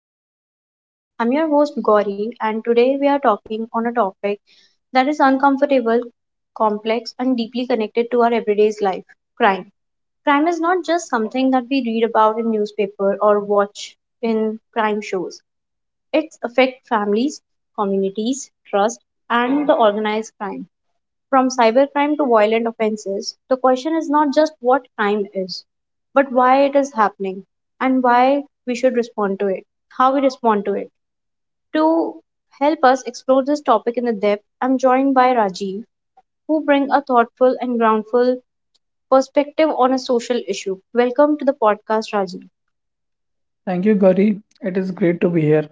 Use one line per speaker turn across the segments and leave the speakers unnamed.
podcast Riverside. I'm your host Gauri, and today we are talking on a topic that is uncomfortable, complex, and deeply connected to our everyday's life crime. Crime is not just something that we read about in newspaper or watch in crime shows, it affects families, communities, trust, and the organized crime. From cybercrime to violent offenses, the question is not just what crime is, but why it is happening and why we should respond to it, how we respond to it. To help us explore this topic in the depth, I'm joined by Rajiv, who bring a thoughtful and groundful perspective on a social issue. Welcome to the podcast, Rajiv.
Thank you, Gauri. It is great to be here.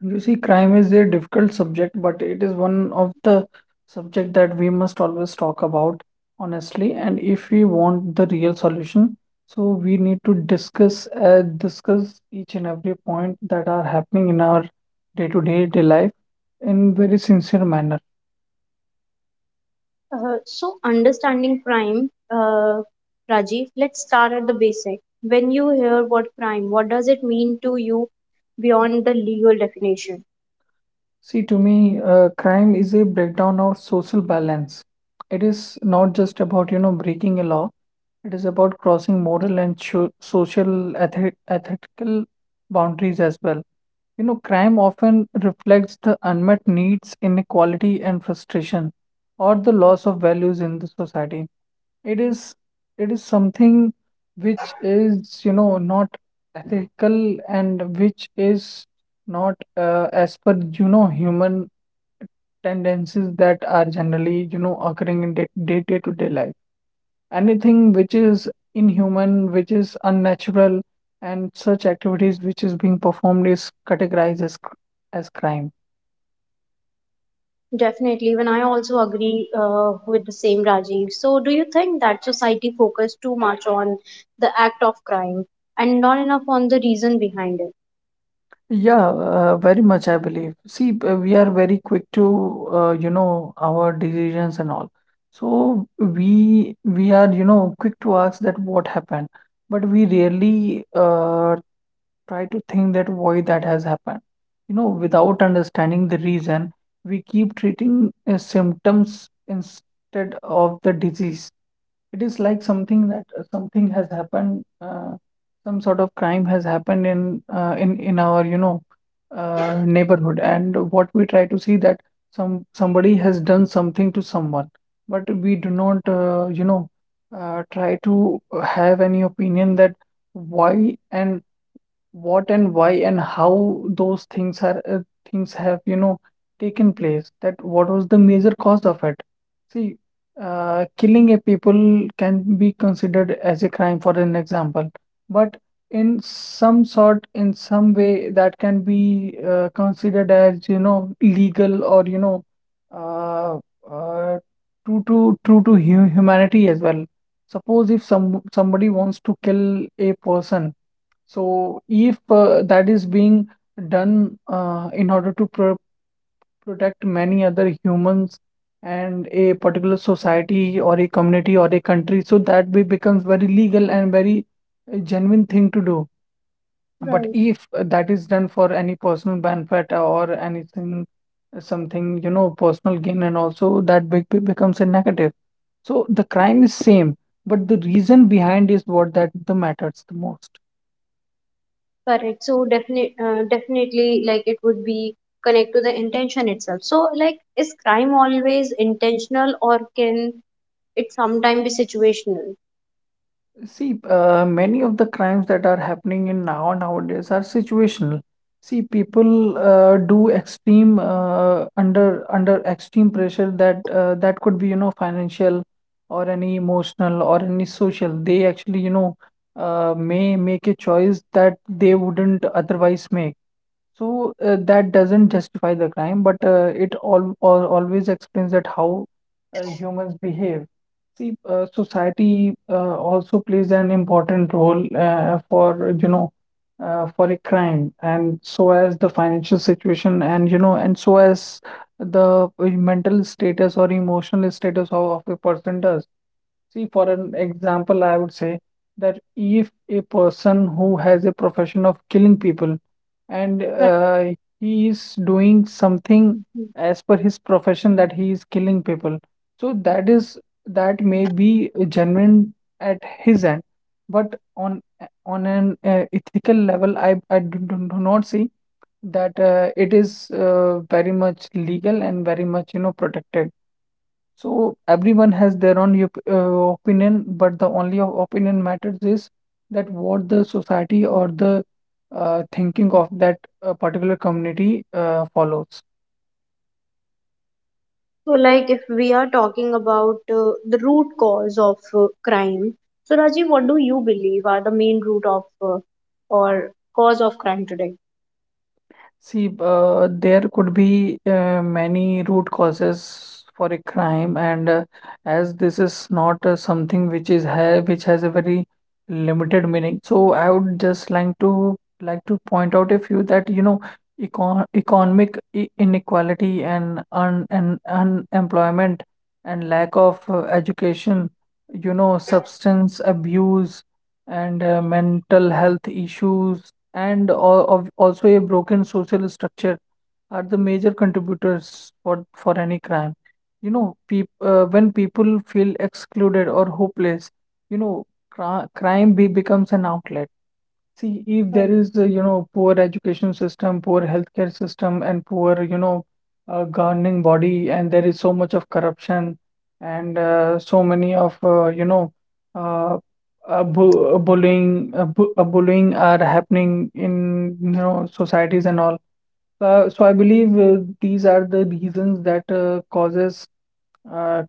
You see, crime is a difficult subject, but it is one of the subject that we must always talk about honestly. And if we want the real solution, so we need to discuss each and every point that are happening in our day-to-day day life in very sincere manner.
So understanding crime, Rajiv, let's start at the basic. When you hear what crime, what does it mean to you beyond the legal definition?
See, to me, crime is a breakdown of social balance. It is not just about, you know, breaking a law. It is about crossing moral and sho social eth ethical boundaries as well. You know, crime often reflects the unmet needs, inequality, and frustration, or the loss of values in the society. It is it is something which is, you know, not ethical and which is not as per you know human tendencies that are generally you know occurring in day day day to day life. Anything which is inhuman, which is unnatural, and such activities which is being performed is categorized as as crime.
Definitely, even I also agree with the same Rajiv. So, do you think that society focus too much on the act of crime and not enough on the reason behind it?
Yeah, very much I believe. See, we are very quick to you know our decisions and all, so we are you know quick to ask that what happened, but we rarely try to think that why that has happened. You know, without understanding the reason, we keep treating symptoms instead of the disease. It is like something that something has happened, some sort of crime has happened in in our you know neighborhood, and what we try to see that somebody has done something to someone, but we do not you know try to have any opinion that why and what and why and how those things are things have you know taken place, that what was the major cause of it. See, killing a people can be considered as a crime for an example, but in some sort, in some way, that can be considered as you know legal or you know, uh, uh, true to true to hu humanity as well. Suppose if somebody wants to kill a person, so if that is being done in order to protect many other humans and a particular society or a community or a country, so that be becomes very legal and very genuine thing to do. But
Right.
if that is done for any personal benefit or anything, something, you know, personal gain, and also that becomes a negative. So the crime is same, but the reason behind is what that the matters the most.
Correct. So, definitely, definitely, like it would be connect to the intention itself. So, like, is crime always intentional or can it sometimes be situational?
See, many of the crimes that are happening in nowadays are situational. See, people do extreme under extreme pressure that that could be you know financial or any emotional or any social. They actually you know may make a choice that they wouldn't otherwise make. So that doesn't justify the crime, but it all always explains that how humans behave. See, society also plays an important role for you know for a crime, and so as the financial situation, and you know, and so as the mental status or emotional status of a person does. See, for an example, I would say that if a person who has a profession of killing people and
Right.
he is doing something
Mm.
as per his profession, that he is killing people, so that is that may be genuine at his end, but on an ethical level, I do, do not see that it is very much legal and very much you know protected. So everyone has their own opinion, but the only opinion matters is that what the society or the thinking of that particular community follows.
So, like, if we are talking about the root cause of crime, so Rajiv, what do you believe are the main root of uh, or cause of crime today?
See, there could be many root causes for a crime, and as this is not something which is ha which has a very limited meaning, so I would just like to point out a few that you know economic inequality and un and unemployment and lack of education, you know, substance abuse and mental health issues and also a broken social structure are the major contributors for any crime. You know, when people feel excluded or hopeless, you know, crime becomes an outlet. See, if there
Right.
is, you know, poor education system, poor healthcare system, and poor, you know, governing body, and there is so much of corruption and so many of, you know, uh, bu bullying, bu bullying are happening in, you know, societies and all. So I believe these are the reasons that causes uh,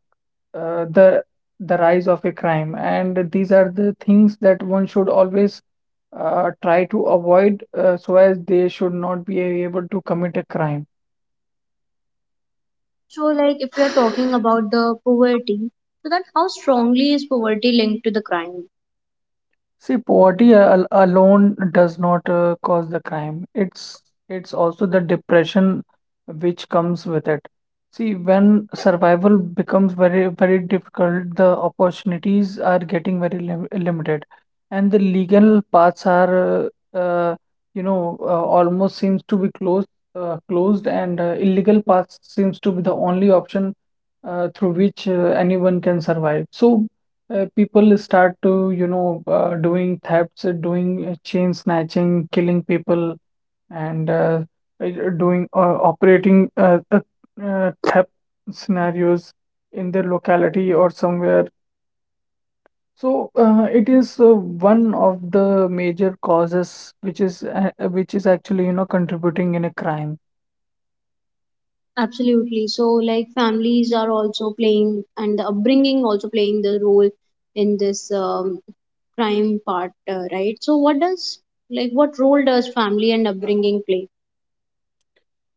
uh, the the rise of a crime, and these are the things that one should always try to avoid so as they should not be able to commit a crime.
So, like, if we are talking about the poverty, so that how strongly is poverty linked to the crime?
See, poverty al alone does not cause the crime. It's also the depression which comes with it. See, when survival becomes very very difficult, the opportunities are getting very limited, and the legal paths are uh, you know almost seems to be closed, and illegal paths seems to be the only option through which anyone can survive. So people start to you know doing thefts, doing chain snatching, killing people, and doing operating theft scenarios in their locality or somewhere. So it is one of the major causes which is actually you know contributing in a crime.
Absolutely. So, like families are also playing, and the upbringing also playing the role in this crime part, right? So, what does, like what role does family and upbringing play?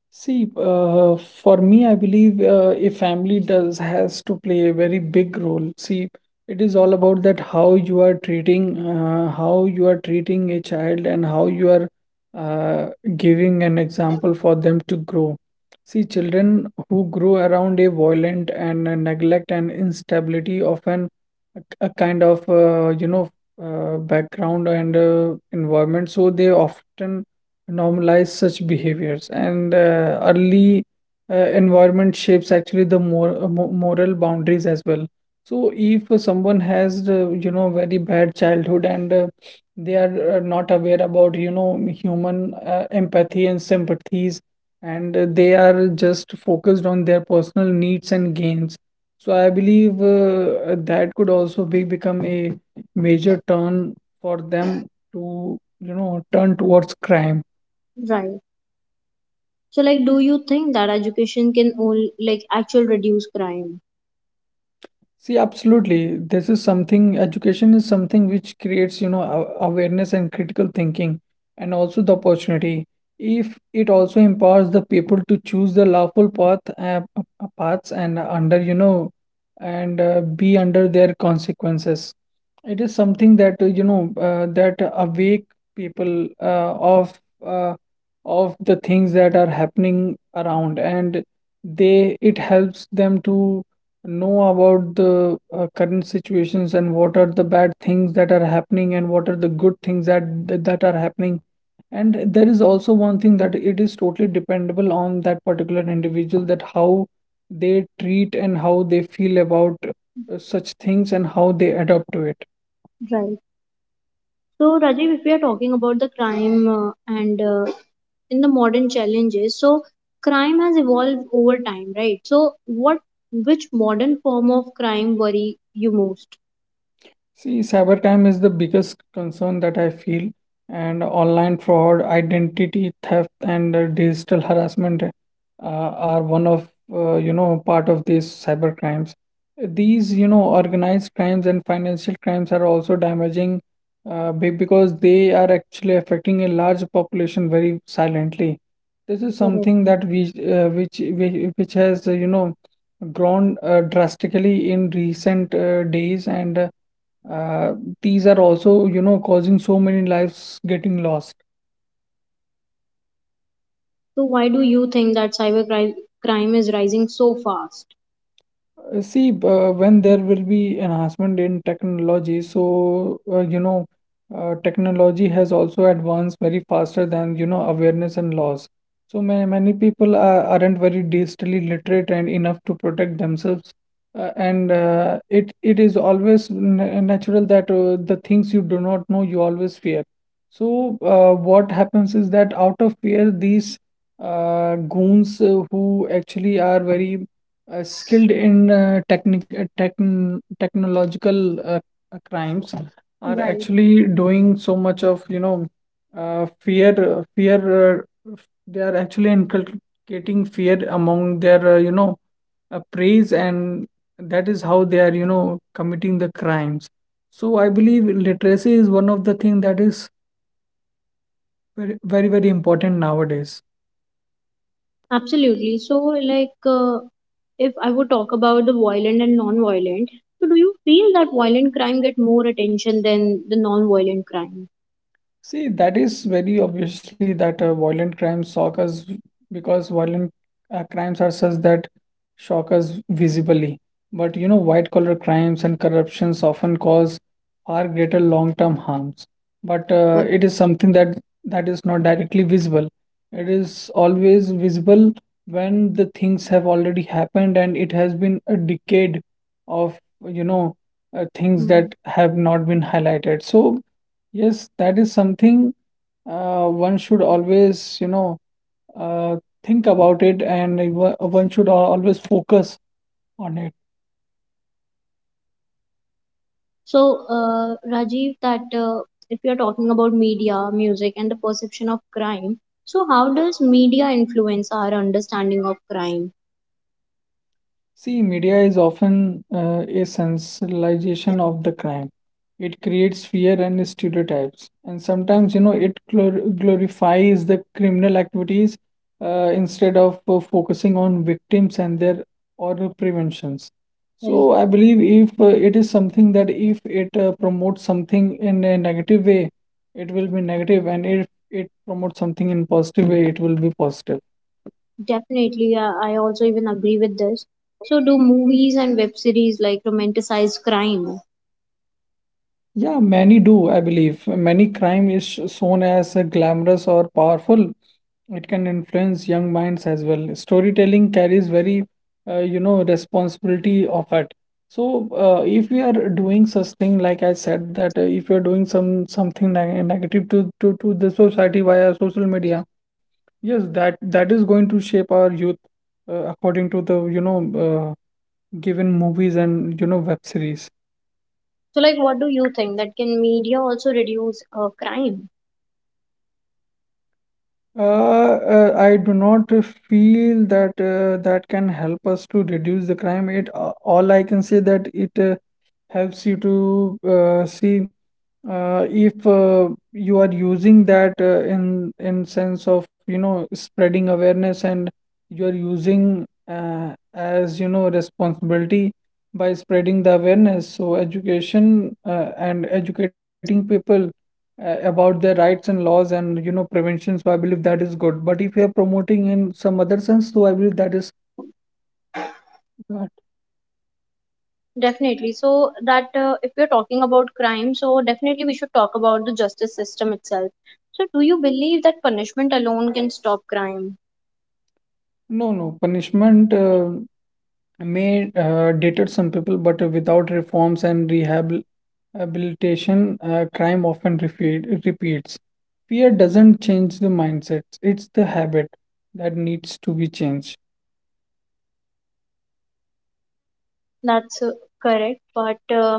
See, for me, I believe a family does has to play a very big role. See, it is all about that how you are treating, how you are treating a child, and how you are uh, giving an example for them to grow. See, children who grow around a violent and a neglect and instability often a kind of you know background and environment, so they often normalize such behaviors, and early environment shapes actually the moral boundaries as well. So if someone has the, you know, very bad childhood, and they are not aware about you know human empathy and sympathies, and they are just focused on their personal needs and gains, so I believe that could also be become a major turn for them to you know turn towards crime.
Right. So, like, do you think that education can only like actual reduce crime?
See, absolutely. This is something, education is something which creates, you know, awareness and critical thinking, and also the opportunity. If it also empowers the people to choose the lawful paths, and under, you know, and be under their consequences. It is something that you know that awake people of the things that are happening around, and they it helps them to know about the current situations and what are the bad things that are happening and what are the good things that that are happening. And there is also one thing that it is totally dependable on that particular individual, that how they treat and how they feel about such things and how they adapt to it.
Right. So, Rajiv, if we are talking about the crime and in the modern challenges, so crime has evolved over time, right? So, what, which modern form of crime worry you most?
See, cybercrime is the biggest concern that I feel, and online fraud, identity theft, and digital harassment are one of you know part of these cyber crimes. These you know organized crimes and financial crimes are also damaging because they are actually affecting a large population very silently. This is
Correct.
something that we which has you know grown drastically in recent days and. uh, these are also, you know, causing so many lives getting lost.
So, why do you think that crime is rising so fast?
See, when there will be enhancement in technology, so you know, technology has also advanced very faster than you know awareness and laws. So many people are, aren't very digitally literate and enough to protect themselves. And it is always natural that the things you do not know you always fear. So what happens is that out of fear, these goons who actually are very skilled in technological crimes are
Right.
actually doing so much of uh, fear uh, fear uh, they are actually inculcating fear among their preys, and that is how they are committing the crimes. So I believe literacy is one of the thing that is very, very important nowadays.
Absolutely. So, like, if I would talk about the violent and non-violent, so do you feel that violent crime get more attention than the non-violent crime?
See, that is very obviously that violent crimes shock us because violent crimes are such that shock us visibly. But you know, white collar crimes and corruptions often cause far greater long term harms. But it
Correct.
is something that that is not directly visible. It is always visible when the things have already happened and it has been a decade of you know things
Hmm.
that have not been highlighted. So yes, that is something one should always, uh, think about it, and one should always focus on it.
So, Rajiv, that if you are talking about media, music, and the perception of crime, so how does media influence our understanding of crime?
See, media is often a sensationalization of the crime. It creates fear and stereotypes, and sometimes, you know, it glorifies the criminal activities instead of focusing on victims and their or preventions.
Correct.
So, I believe if it is something that if it promotes something in a negative way, it will be negative, and if it promotes something in positive way, it will be positive.
Definitely, I also even agree with this. So, do movies and web series like romanticize crime?
Yeah, many do, I believe. Many crime is shown as glamorous or powerful. It can influence young minds as well. Storytelling carries very, responsibility of it. So, if we are doing such thing, like I said, that if you are doing something negative to the society via social media, yes, that is going to shape our youth, according to the, uh, given movies and, you know, web series.
So, like, what do you think that can media also reduce crime?
Uh, I do not feel that that can help us to reduce the crime. It all I can say that it helps you to see if you are using that in sense of you know spreading awareness, and you are using as you know responsibility by spreading the awareness. So education and educating people about their rights and laws and you know prevention, so I believe that is good, but if you are promoting in some other sense, so I believe that is bad.
Definitely. So, that if you're talking about crime, so definitely we should talk about the justice system itself. So, do you believe that punishment alone can stop crime?
No punishment, I may dated some people, but without reforms and rehabilitation, crime often repeats. Fear doesn't change the mindsets; it's the habit that needs to be changed.
That's correct, but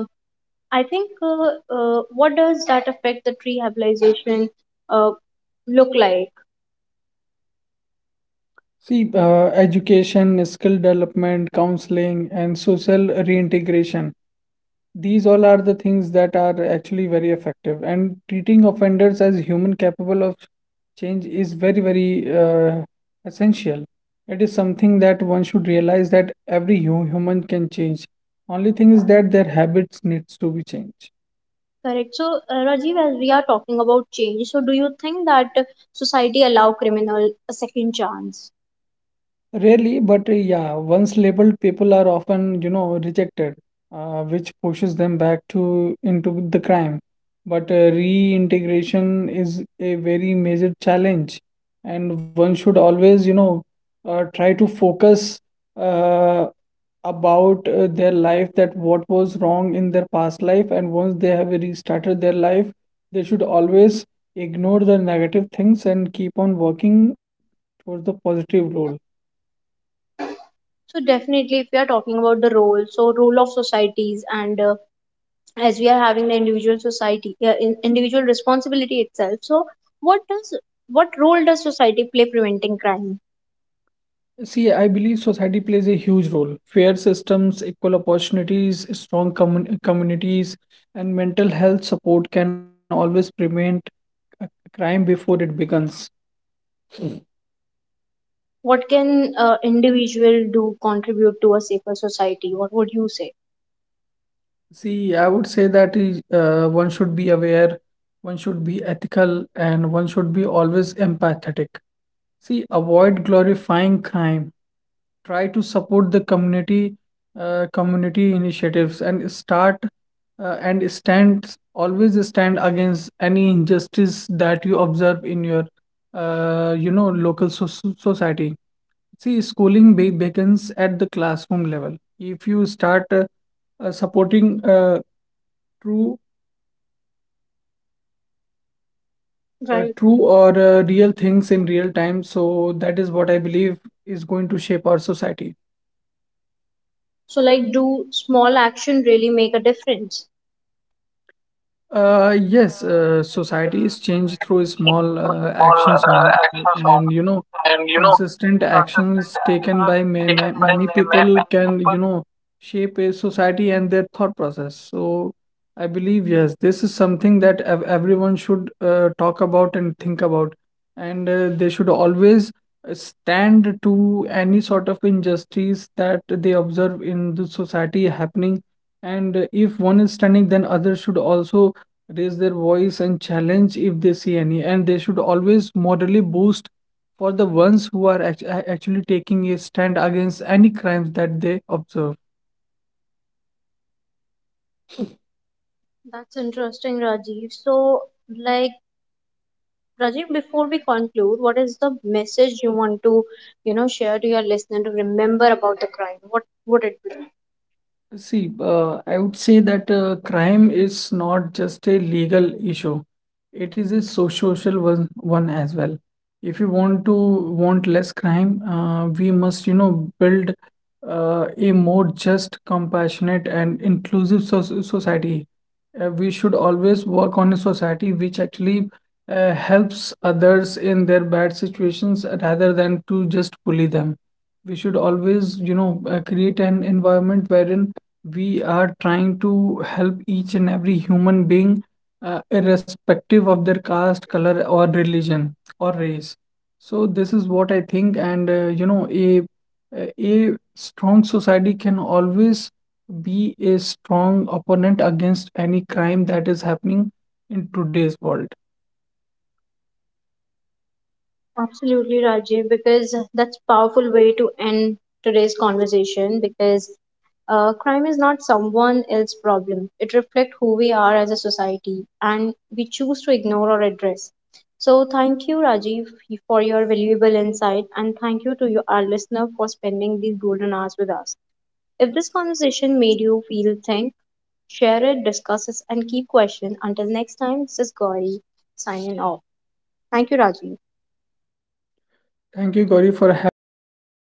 I think what does that affect the rehabilitation uh, look like?
See, education, skill development, counseling, and social reintegration, these all are the things that are actually very effective, and treating offenders as human capable of change is very, very essential. It is something that one should realize that every human can change. Only thing is that their habits needs to be changed.
Correct. So, Rajiv, as we are talking about change, so do you think that society allow criminal a second chance?
Rarely, but yeah, once labeled, people are often, you know, rejected, which pushes them back to into the crime. But reintegration is a very major challenge, and one should always, try to focus uh, about their life, that what was wrong in their past life, and once they have restarted their life, they should always ignore the negative things and keep on working towards the positive goal.
So, definitely, if we are talking about the role, so role of societies, and as we are having the individual society, individual responsibility itself. So, what does, what role does society play preventing crime?
See, I believe society plays a huge role. Fair systems, equal opportunities, strong communities, and mental health support can always prevent a crime before it begins.
What can individual do contribute to a safer society? What would you say?
See, I would say that is, one should be aware, one should be ethical, and one should be always empathetic. See, avoid glorifying crime. Try to support the community, community initiatives, and start and stand, always stand against any injustice that you observe in your, local so, society. See, schooling be begins at the classroom level. If you start supporting true
Right.
true or real things in real time, so that is what I believe is going to shape our society.
So, like, do small action really make a difference?
Yes,
Yes,
society is changed
society
through
is
small
through small
actions only,
actions on,
and you know,
and you know,
consistent
consistent
actions taken
actions
by ma
taken
ma
by
many
many,
people
many
can,
people.
you know, shape a society and their thought process. So, I believe yes, this is something that ev everyone should talk about and think about, and they should always stand to any sort of injustice that they observe in the society happening. And if one is standing, then others should also raise their voice and challenge if they see any, and they should always morally boost for the ones who are actually taking a stand against any crimes that they observe.
That's interesting, Rajiv. So, like, Rajiv, before we conclude, what is the message you want to, you know, share to your listener to remember about the crime? What would it be?
See, I would say that crime is not just a legal issue. It is a social one as well. If you want less crime, we must, you know, build a more just, compassionate, and inclusive society. We should always work on a society which actually helps others in their bad situations rather than to just bully them. We should always you know create an environment wherein we are trying to help each and every human being, irrespective of their caste, color or religion or race. So this is what I think, and you know, a strong society can always be a strong opponent against any crime that is happening in today's world.
Absolutely, Rajiv, because that's powerful way to end today's conversation because crime is not someone else's problem. It reflects who we are as a society and we choose to ignore or address. So thank you, Rajiv, for your valuable insight and thank you to you, our listener for spending these golden hours with us. If this conversation made you feel think, share it, discuss it, and keep question. Until next time, this is Gauri signing off. Thank you, Rajiv.
Thank you, Gauri, for having me.